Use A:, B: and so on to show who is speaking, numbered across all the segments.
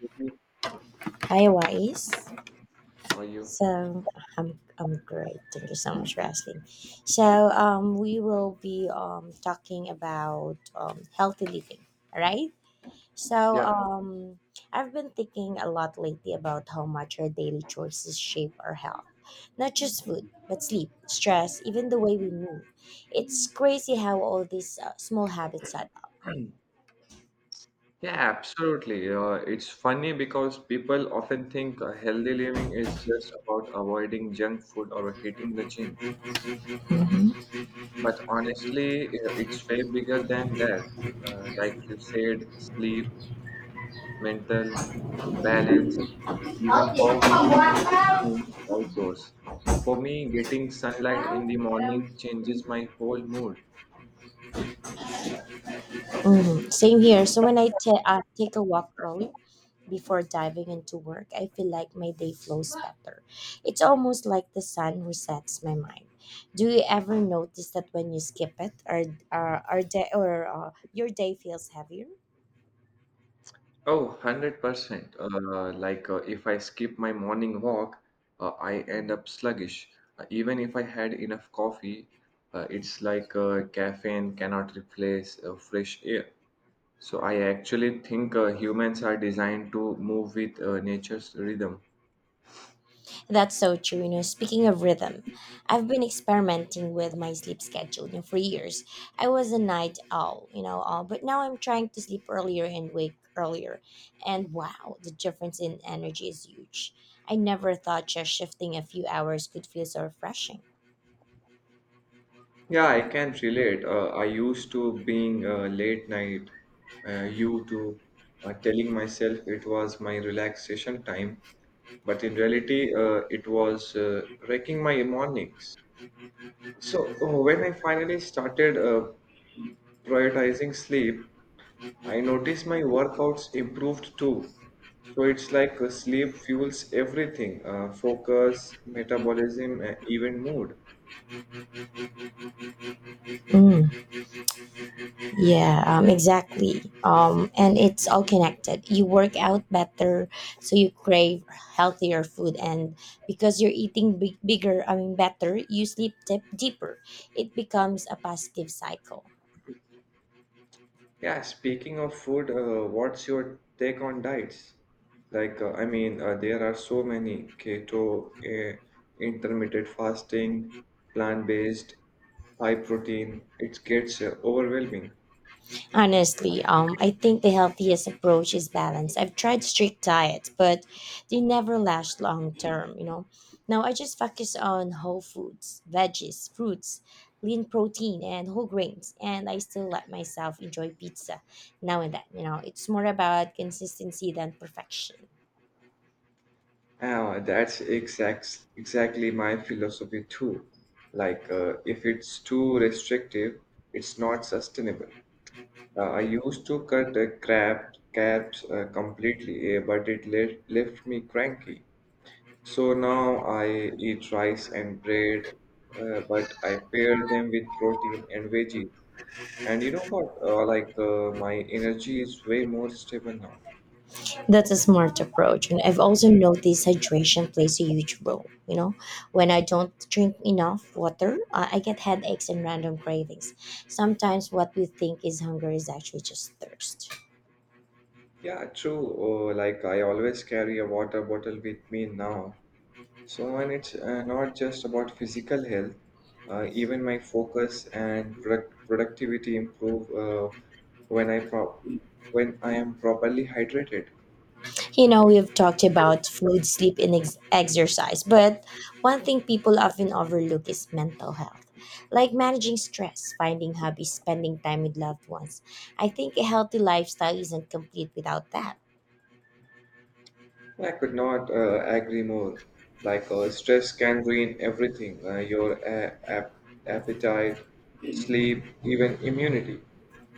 A: How
B: Hi, Wise.
A: are you?
B: So I'm great. Thank you so much for asking. We will be talking about healthy living. All right. So
A: Yeah,
B: um, I've been thinking a lot lately about how much our daily choices shape our health. Not just food, but sleep, stress, even the way we move. It's crazy how all these small habits add up.
A: yeah, absolutely. It's funny because people often think healthy living is just about avoiding junk food or hitting the gym.
B: Mhm.
A: But honestly, it's way bigger than that. Like you said, sleep, mental balance, even how we spend time outdoors. For me, getting sunlight in the morning changes my whole mood.
B: Mhm. Same here. So when I take a walk early before diving into work, I feel like my day flows better. It's almost like the sun resets my mind. Do you ever notice that when you skip it, or, day, or your day feels heavier?
A: Oh, 100%. Like if I skip my morning walk, I end
B: Mm-hmm.
A: up sluggish. Even if I had enough coffee, it's like caffeine cannot replace fresh air. So I actually think humans are designed to move with nature's rhythm.
B: That's so true. You know, speaking of rhythm, I've been experimenting with my sleep schedule. You know, for years, I was a night owl. You know, all But now I'm trying to sleep earlier and wake earlier, and wow, the difference in energy is huge. I never thought just shifting a few hours could feel so refreshing.
A: Yeah, I can relate. I used to being late night, you to telling myself it was my relaxation time, but in reality, it was wrecking my mornings. So when I finally started prioritizing sleep, I noticed my workouts improved too. So it's like sleep fuels everything, focus, metabolism, and even mood.
B: Mm. Yeah, exactly. And it's all connected. You work out better, so you crave healthier food, and because you're eating big, bigger, I mean, better, you deeper. It becomes a positive cycle.
A: Yeah, speaking of food, what's your take on diets? I mean, there are so many keto, intermittent fasting, plant-based, high protein. It gets overwhelming.
B: Honestly, I think the healthiest approach is balance. I've tried strict diets, but they never last long term, you know. Now I just focus on whole foods, veggies, fruits, lean protein, and whole grains, and I still let myself enjoy pizza now and then, you know. It's more about consistency than perfection.
A: That's exactly my philosophy too. Like, if it's too restrictive, it's not sustainable. I used to cut carbs completely, but it le left me cranky. So now I eat rice and bread, but I pair them with protein and veggies. And you know what? Like, my energy is way more stable now.
B: That's a smart approach. And I've also noticed hydration plays a huge role. You know, when I don't drink enough water, I get headaches and random cravings. Sometimes what we think is hunger is actually just thirst.
A: Yeah, true. Like I always carry a water bottle with me now. So and it's not just about physical health. Even my focus and productivity improve when I pro when I am properly hydrated.
B: You know, we've talked about food, sleep, and exercise, but one thing people often overlook is mental health. Like managing stress, finding hobbies, spending time with loved ones. I think a healthy lifestyle isn't complete without that.
A: I could not agree more. Like, stress can ruin everything, your appetite, sleep, even immunity.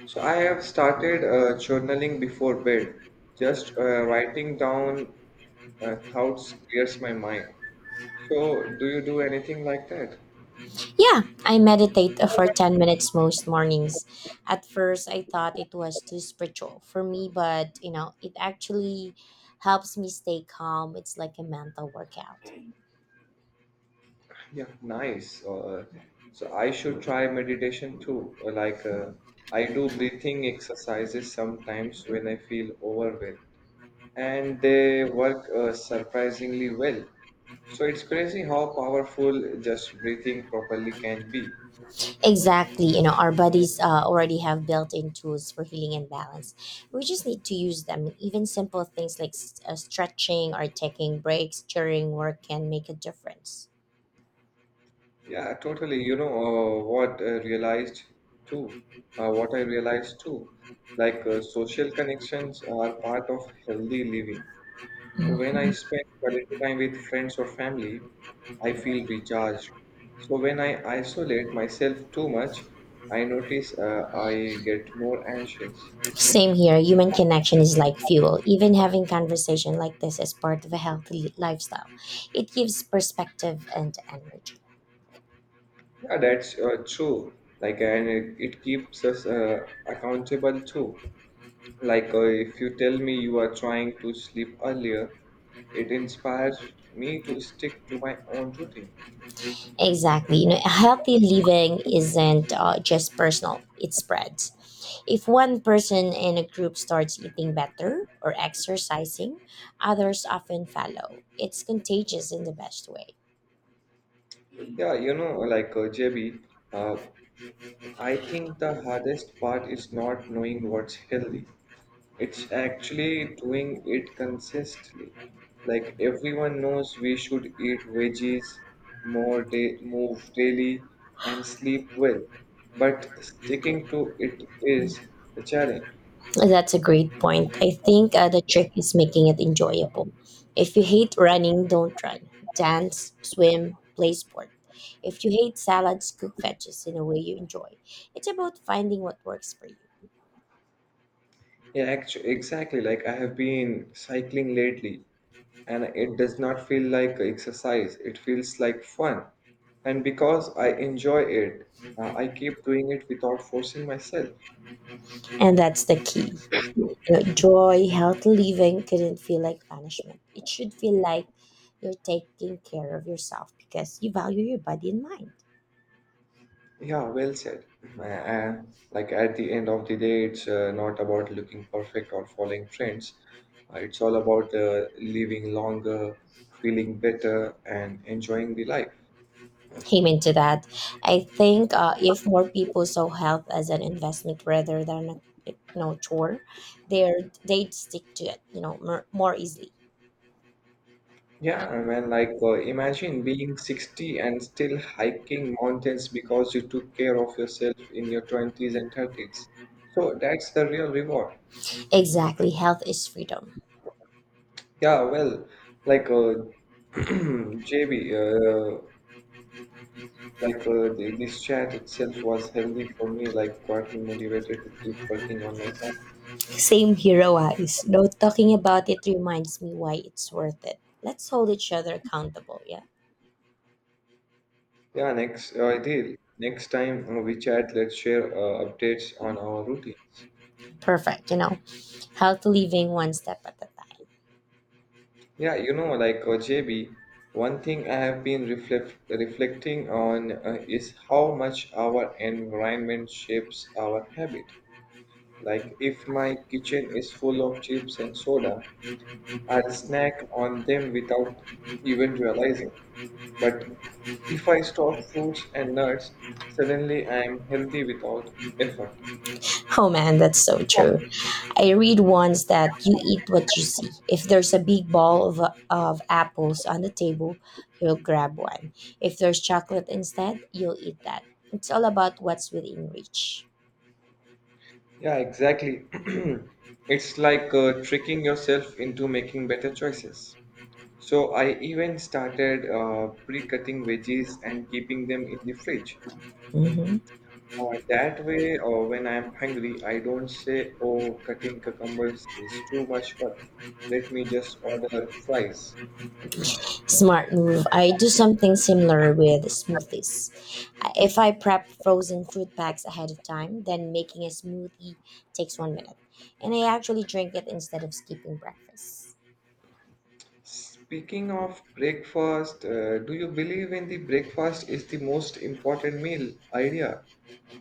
A: So I have started journaling before bed. Just writing down thoughts clears my mind. So do you do anything like that?
B: Yeah, I meditate for 10 minutes most mornings. At first, I thought it was too spiritual for me, but you know, it actually helps me stay calm. It's like a mental workout.
A: Yeah, nice. So I should try meditation too. Or like, I do breathing exercises sometimes when I feel overwhelmed. And they work surprisingly well. So it's crazy how powerful just breathing properly can be.
B: Exactly. You know, our bodies already have built in tools for healing and balance. We just need to use them. Even simple things like stretching or taking breaks during work can make a difference.
A: Yeah, totally. You know what I realized too. What I realized too, social connections are part of healthy living. So when I spend quality time with friends or family, I feel recharged. So when I isolate myself too much, I notice I get more anxious.
B: Same here. Human connection is like fuel. Even having conversation like this is part of a healthy lifestyle. It gives perspective and energy.
A: Yeah, that's true. And it keeps us accountable too. Like, if you tell me you are trying to sleep earlier, it inspires me to stick to my own routine.
B: Exactly. You know, healthy living isn't just personal. It spreads. If one person in a group starts eating better or exercising, others often follow. It's contagious in the best way.
A: Yeah, you know, JB, uh, I think the hardest part is not knowing what's healthy. It's actually doing it consistently. Like everyone knows we should eat veggies more day, move daily and sleep well. But sticking to it is the challenge.
B: That's a great point. I think the trick is making it enjoyable. If you hate running, don't run. Dance, swim, play sport. If you hate salads, cook veggies in a way you enjoy. It's about finding what works for you.
A: Yeah, actually, exactly. Like I have been cycling lately and it does not feel like exercise. It feels like fun. And because I enjoy it, I keep doing it without forcing myself.
B: And that's the key. You know, joy, healthy living couldn't feel like punishment. It should feel like you're taking care of yourself because you value your body and mind.
A: Yeah, well said. Uh, like at the end of the day, it's not about looking perfect or following trends. It's all about living longer, feeling better, and enjoying the life.
B: Came into that. I think if more people saw health as an investment rather than a you know chore, they'd stick to it you know more easily.
A: Yeah, I mean, imagine being 60 and still hiking mountains because you took care of yourself in your 20s and 30s. So that's the real reward.
B: Exactly, health is freedom.
A: Yeah, well, like uh, JB, like, this chat itself was healthy for me. Like got me motivated to keep working on my app.
B: Same hero eyes. Though talking about it reminds me why it's worth it. Let's hold each other accountable. Yeah,
A: Yeah, next ideal. Next time we chat, let's share updates on our routines.
B: perfect. You know, health living one step at a time.
A: Yeah, you know, JB, one thing I have been reflecting on is how much our environment shapes our habit. Like if my kitchen is full of chips and soda, I'll snack on them without even realizing. But if I stop fruits and nuts, suddenly I am healthy without effort.
B: Oh man, that's so true. I read once that you eat what you see. If there's a big ball of apples on the table, you'll grab one. If there's chocolate instead, you'll eat that. It's all about what's within reach.
A: Yeah, exactly. It's like tricking yourself into making better choices. So I even started pre-cutting veggies and keeping them in the fridge.
B: Mhm.
A: Uh, that way, when I'm hungry, I don't say, "Oh, cutting cucumbers is too much work. Let me just order fries."
B: Smart move. I do something similar with smoothies. If I prep frozen fruit packs ahead of time, then making a smoothie takes 1 minute. And I actually drink it instead of skipping breakfast.
A: Speaking of breakfast, do you believe in the breakfast is the most important meal idea?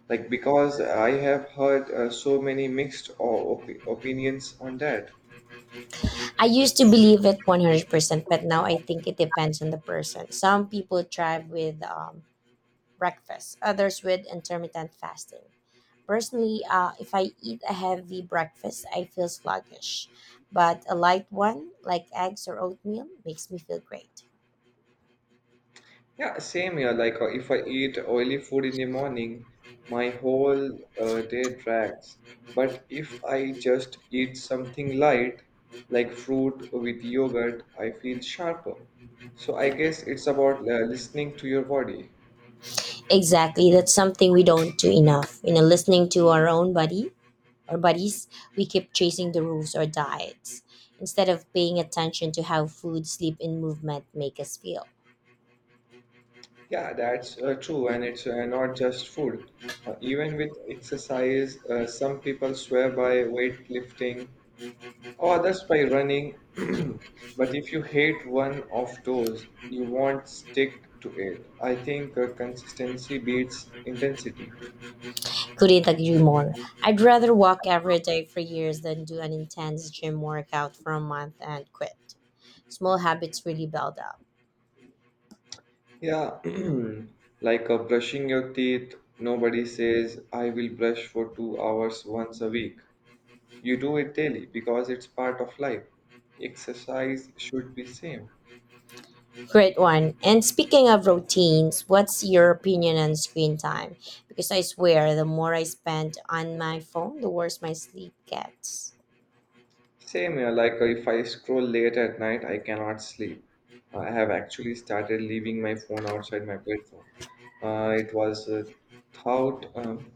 A: Like, because I have heard so many mixed o- op opinions on that.
B: I used to believe it 100%, but now I think it depends on the person. Some people thrive with breakfast, others with intermittent fasting. Personally, if I eat a heavy breakfast, I feel sluggish, but a light one, like eggs or oatmeal, makes me feel great.
A: Yeah, same here. Like, if I eat oily food in the morning, my whole day drags. But if I just eat something light, like fruit with yogurt, I feel sharper. So I guess it's about listening to your body.
B: Exactly, that's something we don't do enough. You know, listening to our own body or bodies, we keep chasing the rules or diets instead of paying attention to how food, sleep, and movement make us feel.
A: Yeah, that's true, and it's not just food. Even with exercise, some people swear by weightlifting or others by running. But if you hate one of those, you won't stick to it. I think consistency beats intensity.
B: Couldn't agree more. I'd rather walk every day for years than do an intense gym workout for a month and quit. Small habits really build up.
A: Yeah, like brushing your teeth, nobody says, I will brush for 2 hours once a week. You do it daily because it's part of life. Exercise should be same.
B: Great one. And speaking of routines, what's your opinion on screen time? Because I swear, the more I spend on my phone, the worse my sleep gets.
A: Same here, like, if I scroll late at night, I cannot sleep. I have actually started leaving my phone outside my bedroom. Uh, it was a thought, um,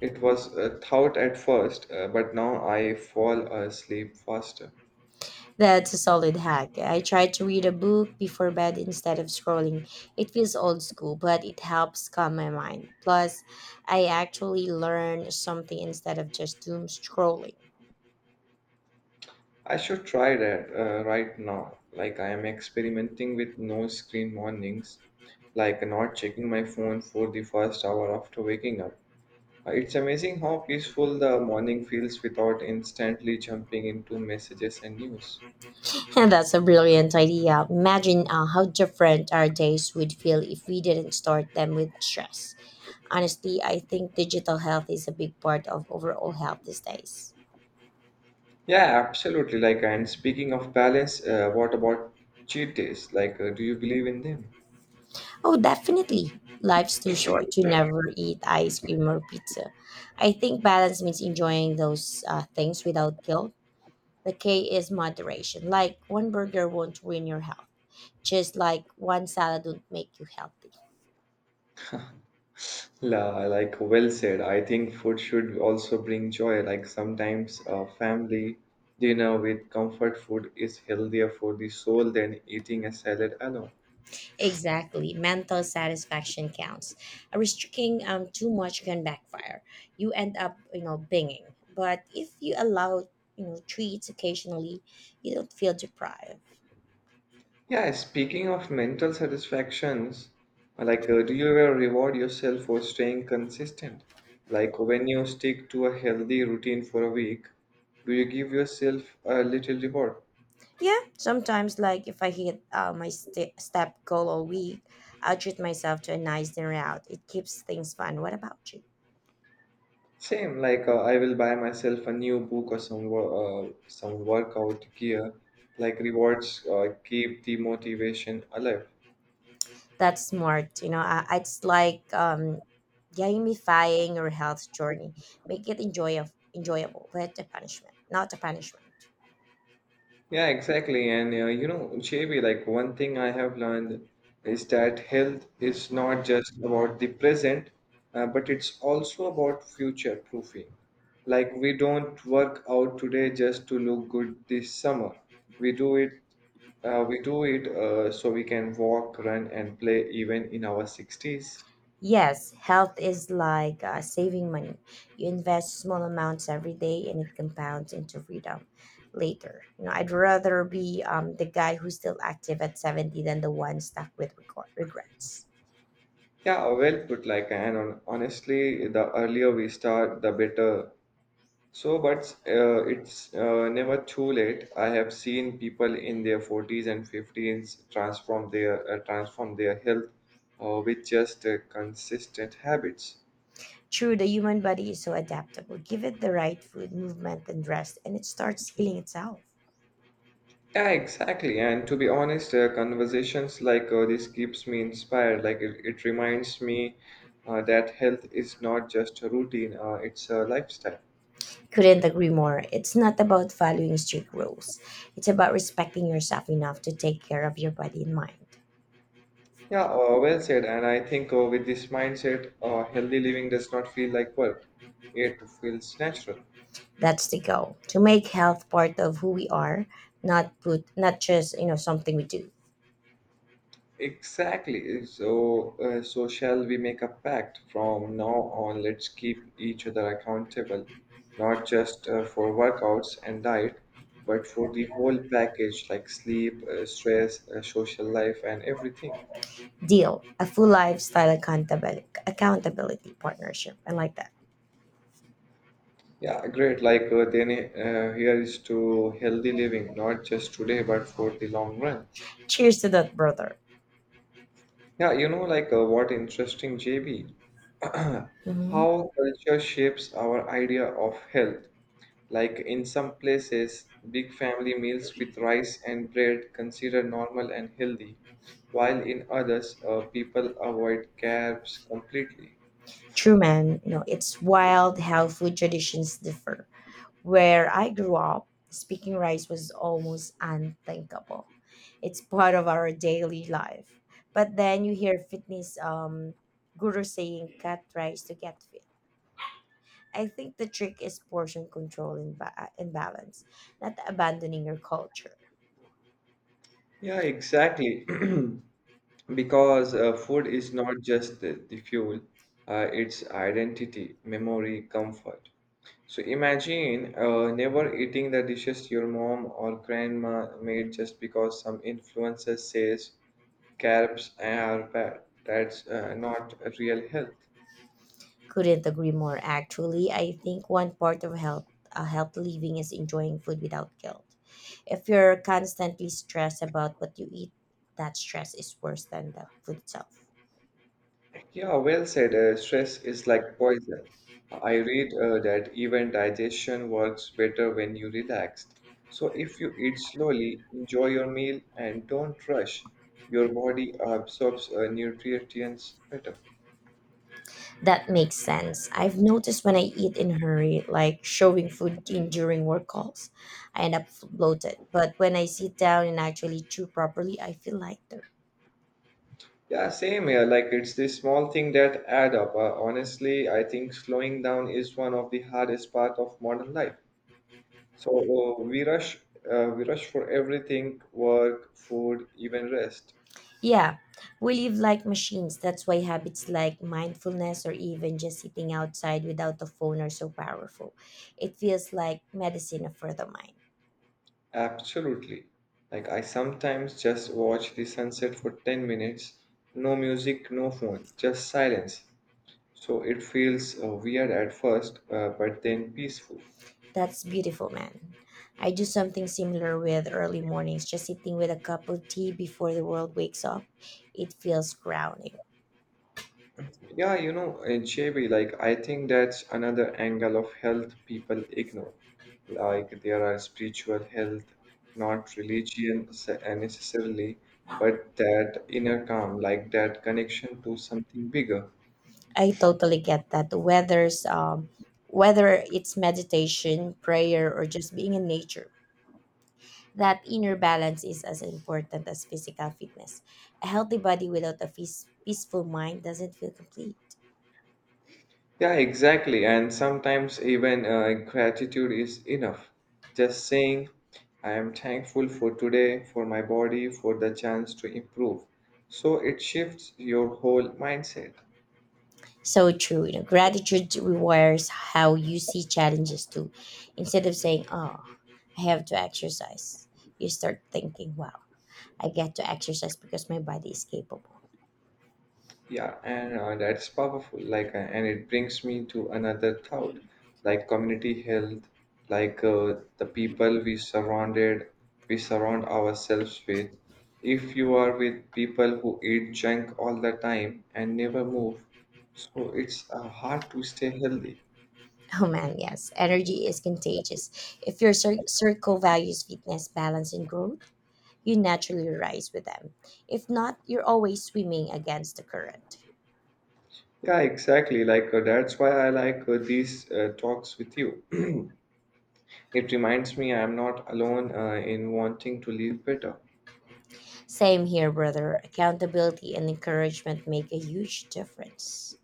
A: it was a thought at first, but now I fall asleep faster.
B: That's a solid hack. I try to read a book before bed instead of scrolling. It feels old school, but it helps calm my mind. Plus, I actually learn something instead of just doom scrolling.
A: I should try that right now. Like I am experimenting with no screen mornings, like not checking my phone for the first hour after waking up. It's amazing how peaceful the morning feels without instantly jumping into messages and news.
B: And that's a brilliant idea. Imagine how different our days would feel if we didn't start them with stress. Honestly, I think digital health is a big part of overall health these days.
A: Yeah, absolutely. Like, and speaking of balance, what about cheat days? Like, do you believe in them?
B: Oh, definitely. Life's too short to never eat ice cream or pizza. I think balance means enjoying those things without guilt. The K is moderation. Like one burger won't ruin your health, just like one salad won't make you healthy.
A: Like, well said. I think food should also bring joy. Like, sometimes a family dinner with comfort food is healthier for the soul than eating a salad alone.
B: Exactly. Mental satisfaction counts. Restricting too much can backfire. You end up, you know, binging. But if you allow, you know, treats occasionally, you don't feel deprived.
A: Yeah, speaking of mental satisfactions, like, do you ever reward yourself for staying consistent? Like when you stick to a healthy routine for a week, do you give yourself a little reward?
B: Yeah, sometimes, like if I hit my step goal all week, I'll treat myself to a nice dinner out. It keeps things fun. What about you?
A: Same, like, I will buy myself a new book or some workout gear. Like rewards keep the motivation alive.
B: That's smart. It's like gamifying your health journey. Make it enjoyable, not a punishment.
A: Yeah, exactly. And you know, JB, like one thing I have learned is that health is not just about the present, but it's also about future proofing. Like we don't work out today just to look good this summer. We do it, we do it so we can walk, run, and play even in our 60s.
B: Yes, health is like saving money. You invest small amounts every day and it compounds into freedom later. You know, I'd rather be the guy who's still active at 70 than the one stuck with regrets.
A: Yeah, well put. Honestly, the earlier we start, the better. So, but it's never too late. I have seen people in their 40s and 50s transform their health with just consistent habits.
B: True, the human body is so adaptable. Give it the right food, movement, and rest, and it starts healing itself.
A: Yeah, exactly. And to be honest, conversations like this keeps me inspired. It reminds me that health is not just a routine; it's a lifestyle.
B: Couldn't agree more. It's not about following strict rules, it's about respecting yourself enough to take care of your body and mind.
A: Yeah, well said. And I think with this mindset, healthy living does not feel like work. It feels natural.
B: That's the goal to make health part of who we are, not just you know something we do.
A: Exactly. So shall we make a pact from now on? Let's keep each other accountable, not just for workouts and diet, but for the whole package like sleep, stress, social life, and everything.
B: Deal a full lifestyle accountability partnership. I like that.
A: Yeah, great. Then, here is to healthy living, not just today, but for the long run.
B: Cheers to that, brother.
A: Yeah, you know, what interesting, JB, how
B: Mhm.
A: culture shapes our idea of health. Like in some places, big family meals with rice and bread considered normal and healthy, while in others, people avoid carbs completely.
B: True man, you know it's wild how food traditions differ. Where I grew up, speaking rice was almost unthinkable. It's part of our daily life. But then you hear fitness guru saying cut rice to get fit. I think the trick is portion control and balance, not abandoning your culture.
A: Yeah, exactly. Because food is not just the fuel, it's identity, memory, comfort. So imagine never eating the dishes your mom or grandma made just because some influencer says carbs are bad. That's not a real health.
B: Couldn't agree more. Actually, I think one part of health living is enjoying food without guilt. If you're constantly stressed about what you eat, that stress is worse than the food itself.
A: Yeah, well said. Stress is like poison. I read that even digestion works better when you relaxed. So if you eat slowly, enjoy your meal, and don't rush, your body absorbs nutrients better.
B: That makes sense. I've noticed when I eat in a hurry, like showing food in during work calls, I end up bloated. But when I sit down and actually chew properly, I feel lighter.
A: Yeah, same here. Like it's this small thing that add up. Honestly, I think slowing down is one of the hardest part of modern life. So we rush for everything, work, food, even rest.
B: Yeah, we live like machines. That's why habits like mindfulness or even just sitting outside without a phone are so powerful. It feels like medicine for the mind.
A: Absolutely. Like, I sometimes just watch the sunset for 10 minutes, no music, no phone, just silence. So it feels weird at first, but then peaceful.
B: That's beautiful, man. I do something similar with early mornings, just sitting with a cup of tea before the world wakes up. It feels grounding.
A: Yeah, you know, JB, like, I think that's another angle of health people ignore. Like, there are spiritual health, not religion necessarily, but that inner calm, like that connection to something bigger.
B: I totally get that. Whether it's meditation, prayer, or just being in nature, that inner balance is as important as physical fitness. A healthy body without a peaceful mind doesn't feel complete.
A: Yeah, exactly. And sometimes even gratitude is enough. Just saying, I am thankful for today, for my body, for the chance to improve. So it shifts your whole mindset.
B: So true. You know, gratitude rewires how you see challenges too. Instead of saying, "Oh, I have to exercise," you start thinking, "Wow, I get to exercise because my body is capable."
A: Yeah, and that's powerful. And it brings me to another thought, like community health, like the people we surrounded, we surround ourselves with. If you are with people who eat junk all the time and never move, so it's hard to stay healthy.
B: Oh man, yes. Energy is contagious. If your circle values fitness, balance, and growth, you naturally rise with them. If not, you're always swimming against the current.
A: Yeah, exactly. Like, that's why I like these talks with you. It reminds me I'm not alone in wanting to live better.
B: Same here, brother. Accountability and encouragement make a huge difference.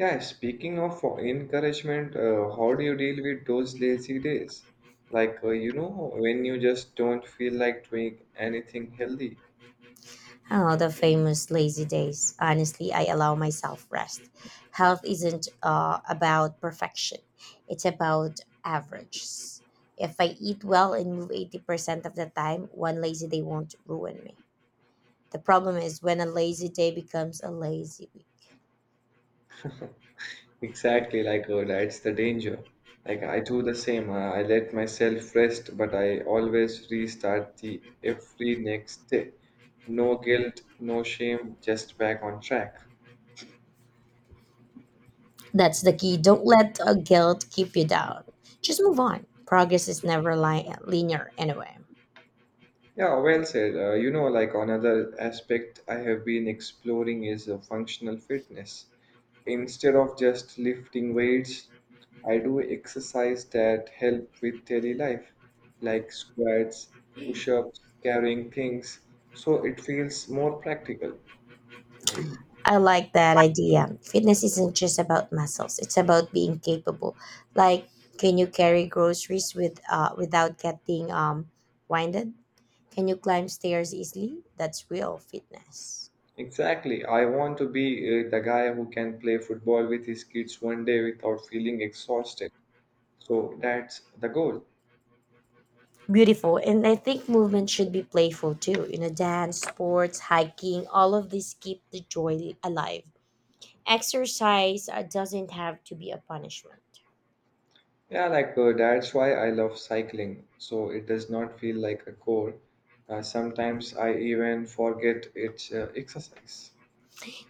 A: Yeah, speaking of encouragement, how do you deal with those lazy days? Like, you know, when you just don't feel like doing anything healthy.
B: Oh, the famous lazy days. Honestly, I allow myself rest. Health isn't about perfection, it's about averages. If I eat well and move 80% of the time, one lazy day won't ruin me. The problem is when a lazy day becomes a lazy week.
A: Exactly, like, that's the danger. Like, I do the same. I let myself rest, but I always restart the every next day. No guilt, no shame, just back on track.
B: That's the key. Don't let a guilt keep you down. Just move on. Progress is never linear anyway.
A: Yeah, well said. You know, like another aspect I have been exploring is functional fitness. Instead of just lifting weights, I do exercise that help with daily life, like squats, push-ups, carrying things, so it feels more practical.
B: I like that idea. Fitness isn't just about muscles. It's about being capable. Like, can you carry groceries with without getting winded? Can you climb stairs easily? That's real fitness.
A: Exactly. I want to be the guy who can play football with his kids one day without feeling exhausted. So that's the goal.
B: Beautiful. And I think movement should be playful too, dance, sports, hiking, all of these keep the joy alive. Exercise doesn't have to be a punishment.
A: Yeah, like, that's why I love cycling. So it does not feel like a chore. Sometimes I even forget it's exercise.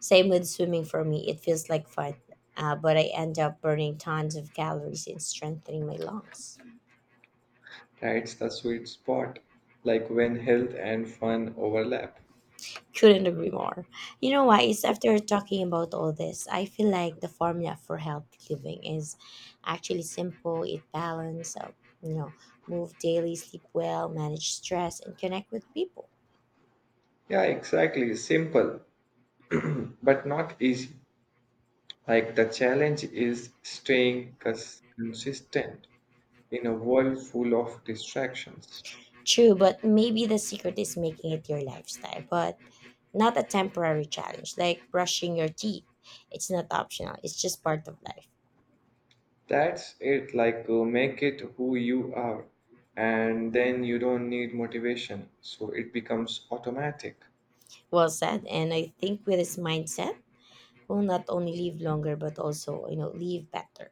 B: Same with swimming for me, it feels like fun, but I end up burning tons of calories and strengthening my lungs.
A: That's the sweet spot, like when health and fun overlap.
B: Couldn't agree more. You know why? It's after talking about all this, I feel like the formula for healthy living is actually simple. It balance, you know, move daily, sleep well, manage stress, and connect with people.
A: Yeah, exactly. Simple, but not easy. Like the challenge is staying consistent in a world full of distractions.
B: True, but maybe the secret is making it your lifestyle, but not a temporary challenge like brushing your teeth. It's not optional, it's just part of life.
A: That's it, like, make it who you are, and then you don't need motivation, so it becomes automatic.
B: Well said. And I think with this mindset, we'll not only live longer, but also, you know, live better.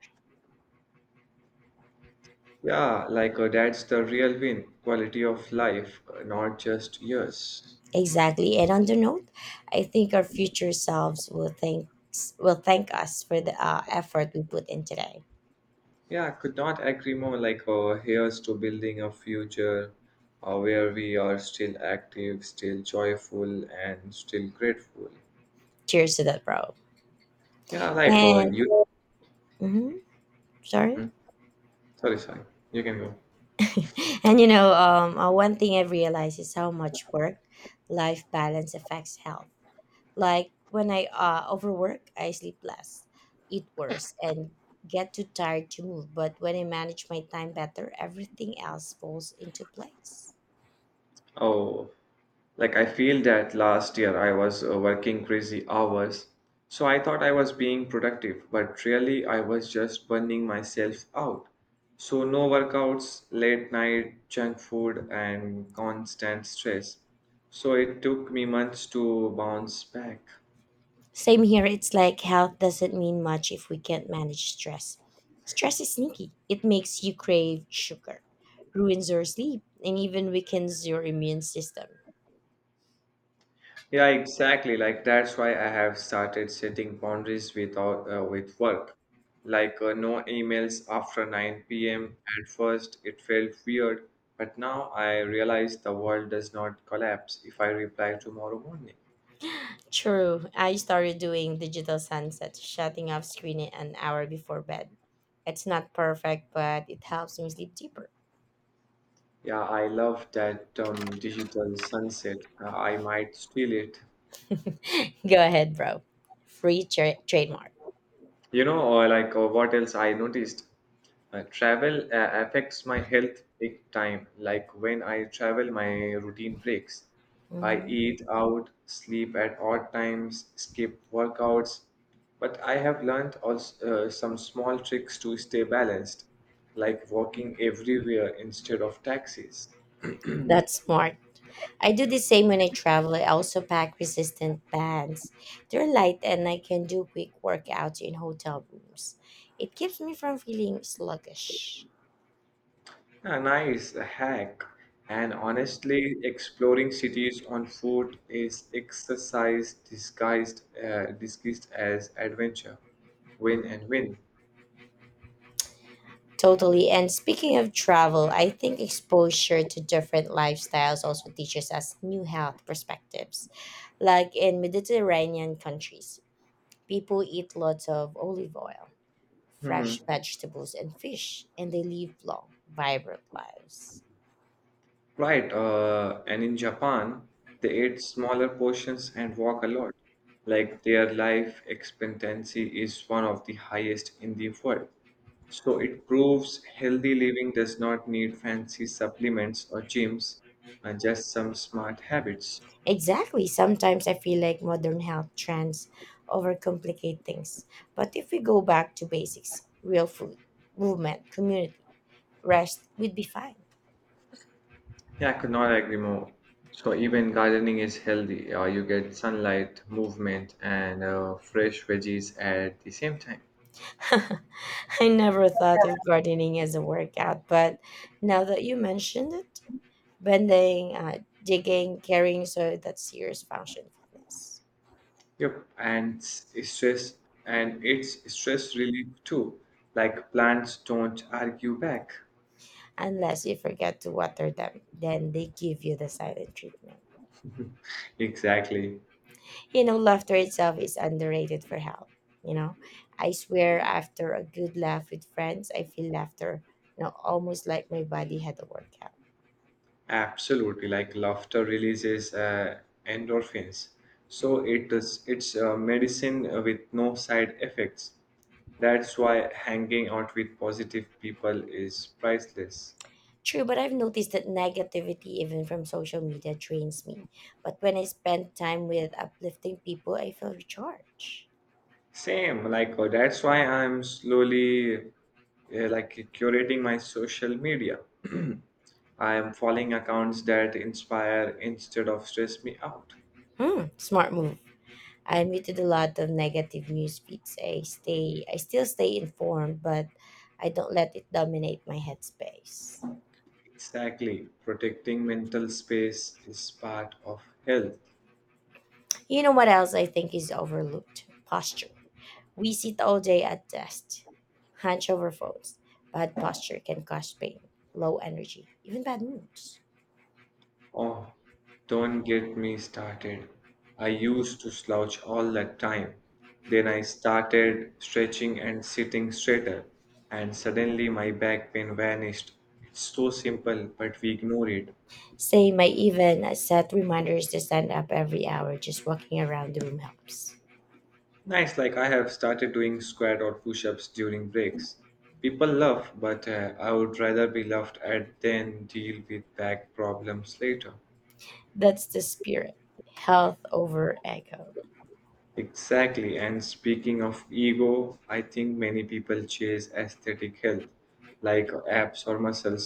A: Yeah, like, that's the real win quality of life, not just years.
B: Exactly. And on the note, I think our future selves will thank us for the effort we put in today.
A: Yeah, could not agree more. Like, here's to building a future where we are still active, still joyful, and still grateful.
B: Cheers to that, bro.
A: Yeah, like,
B: And
A: you.
B: mhm, sorry.
A: Mm, sorry, sorry. You can go.
B: And one thing I've realized is how much work life balance affects health. Like when I overwork, I sleep less, eat worse, and get too tired to move. But when I manage my time better, everything else falls into place.
A: Oh. Like, I feel that last year I was working crazy hours, so I thought I was being productive, but really I was just burning myself out. So, no workouts, late night, junk food, and constant stress. So, it took me months to bounce back.
B: Same here, it's like health doesn't mean much if we can't manage stress. Stress is sneaky, it makes you crave sugar, ruins your sleep, and even weakens your immune system.
A: Yeah, exactly. Like that's why I have started setting boundaries with all, with work. Like, no emails after 9 p.m. At first, it felt weird, but now I realize the world does not collapse if I reply tomorrow morning.
B: True, I started doing digital sunset, shutting off screen an hour before bed. It's not perfect, but it helps me sleep deeper.
A: Yeah, I love that digital sunset. I might steal it.
B: Go ahead, bro. Free trademark.
A: You know, or like or what else I noticed? Travel affects my health big time. Like when I travel, my routine breaks. I
B: Mm.
A: eat out, sleep at odd times, skip workouts. But I have learned also some small tricks to stay balanced, like walking everywhere instead of taxis.
B: That's smart. I do the same when I travel. I also pack resistant bands. They're light and I can do quick workouts in hotel rooms. It keeps me from feeling sluggish.
A: A nice hack. And honestly, exploring cities on foot is exercise disguised as adventure. Win and win.
B: Totally. And speaking of travel, I think exposure to different lifestyles also teaches us new health perspectives. Like in Mediterranean countries, people eat lots of olive oil,
A: Mhm.
B: fresh vegetables, and fish, and they live long, vibrant lives.
A: Right. And in Japan, they eat smaller portions and walk a lot. Like their life expectancy is one of the highest in the world. So it proves healthy living does not need fancy supplements or gyms, just some smart habits.
B: Exactly. Sometimes I feel like modern health trends overcomplicate things. But if we go back to basics, real food, movement, community, rest, we'd be fine.
A: Yeah, I could not agree more. So even gardening is healthy. You get sunlight, movement, and fresh veggies at the same time.
B: I never thought of gardening as a workout, but now that you mentioned it, bending, digging, carrying soil, that's serious function fitness.
A: Yep, and s- stress and it's stress relief too. Like plants don't argue back.
B: Unless you forget to water them, then they give you the silent treatment.
A: Exactly.
B: You know, laughter itself is underrated for health. You know, I swear after a good laugh with friends, I feel laughter, almost like my body had a workout.
A: Absolutely. Like laughter releases endorphins. So it's a medicine with no side effects. That's why hanging out with positive people is priceless.
B: True, but I've noticed that negativity, even from social media, drains me. But when I spend time with uplifting people, I feel recharged.
A: Same, like, that's why I'm slowly curating my social media. I am following accounts that inspire instead of stress me out.
B: Hmm, smart move. I muted a lot of negative news feeds. I still stay informed, but I don't let it dominate my headspace.
A: Exactly, protecting mental space is part of health.
B: You know what else I think is overlooked? Posture. We sit all day at desk, hunch over phones. Bad posture can cause pain, low energy, even bad moods.
A: Oh, don't get me started. I used to slouch all the time. Then I started stretching and sitting straighter, and suddenly my back pain vanished. It's so simple, but we ignore it.
B: Same, I even set reminders to stand up every hour. Just walking around the room helps.
A: Nice, like I have started doing squat or push ups during breaks. People laugh, but I would rather be laughed at than deal with back problems later.
B: That's the spirit. Health over ego.
A: Exactly, and speaking of ego, I think many people chase aesthetic health, like abs or muscles,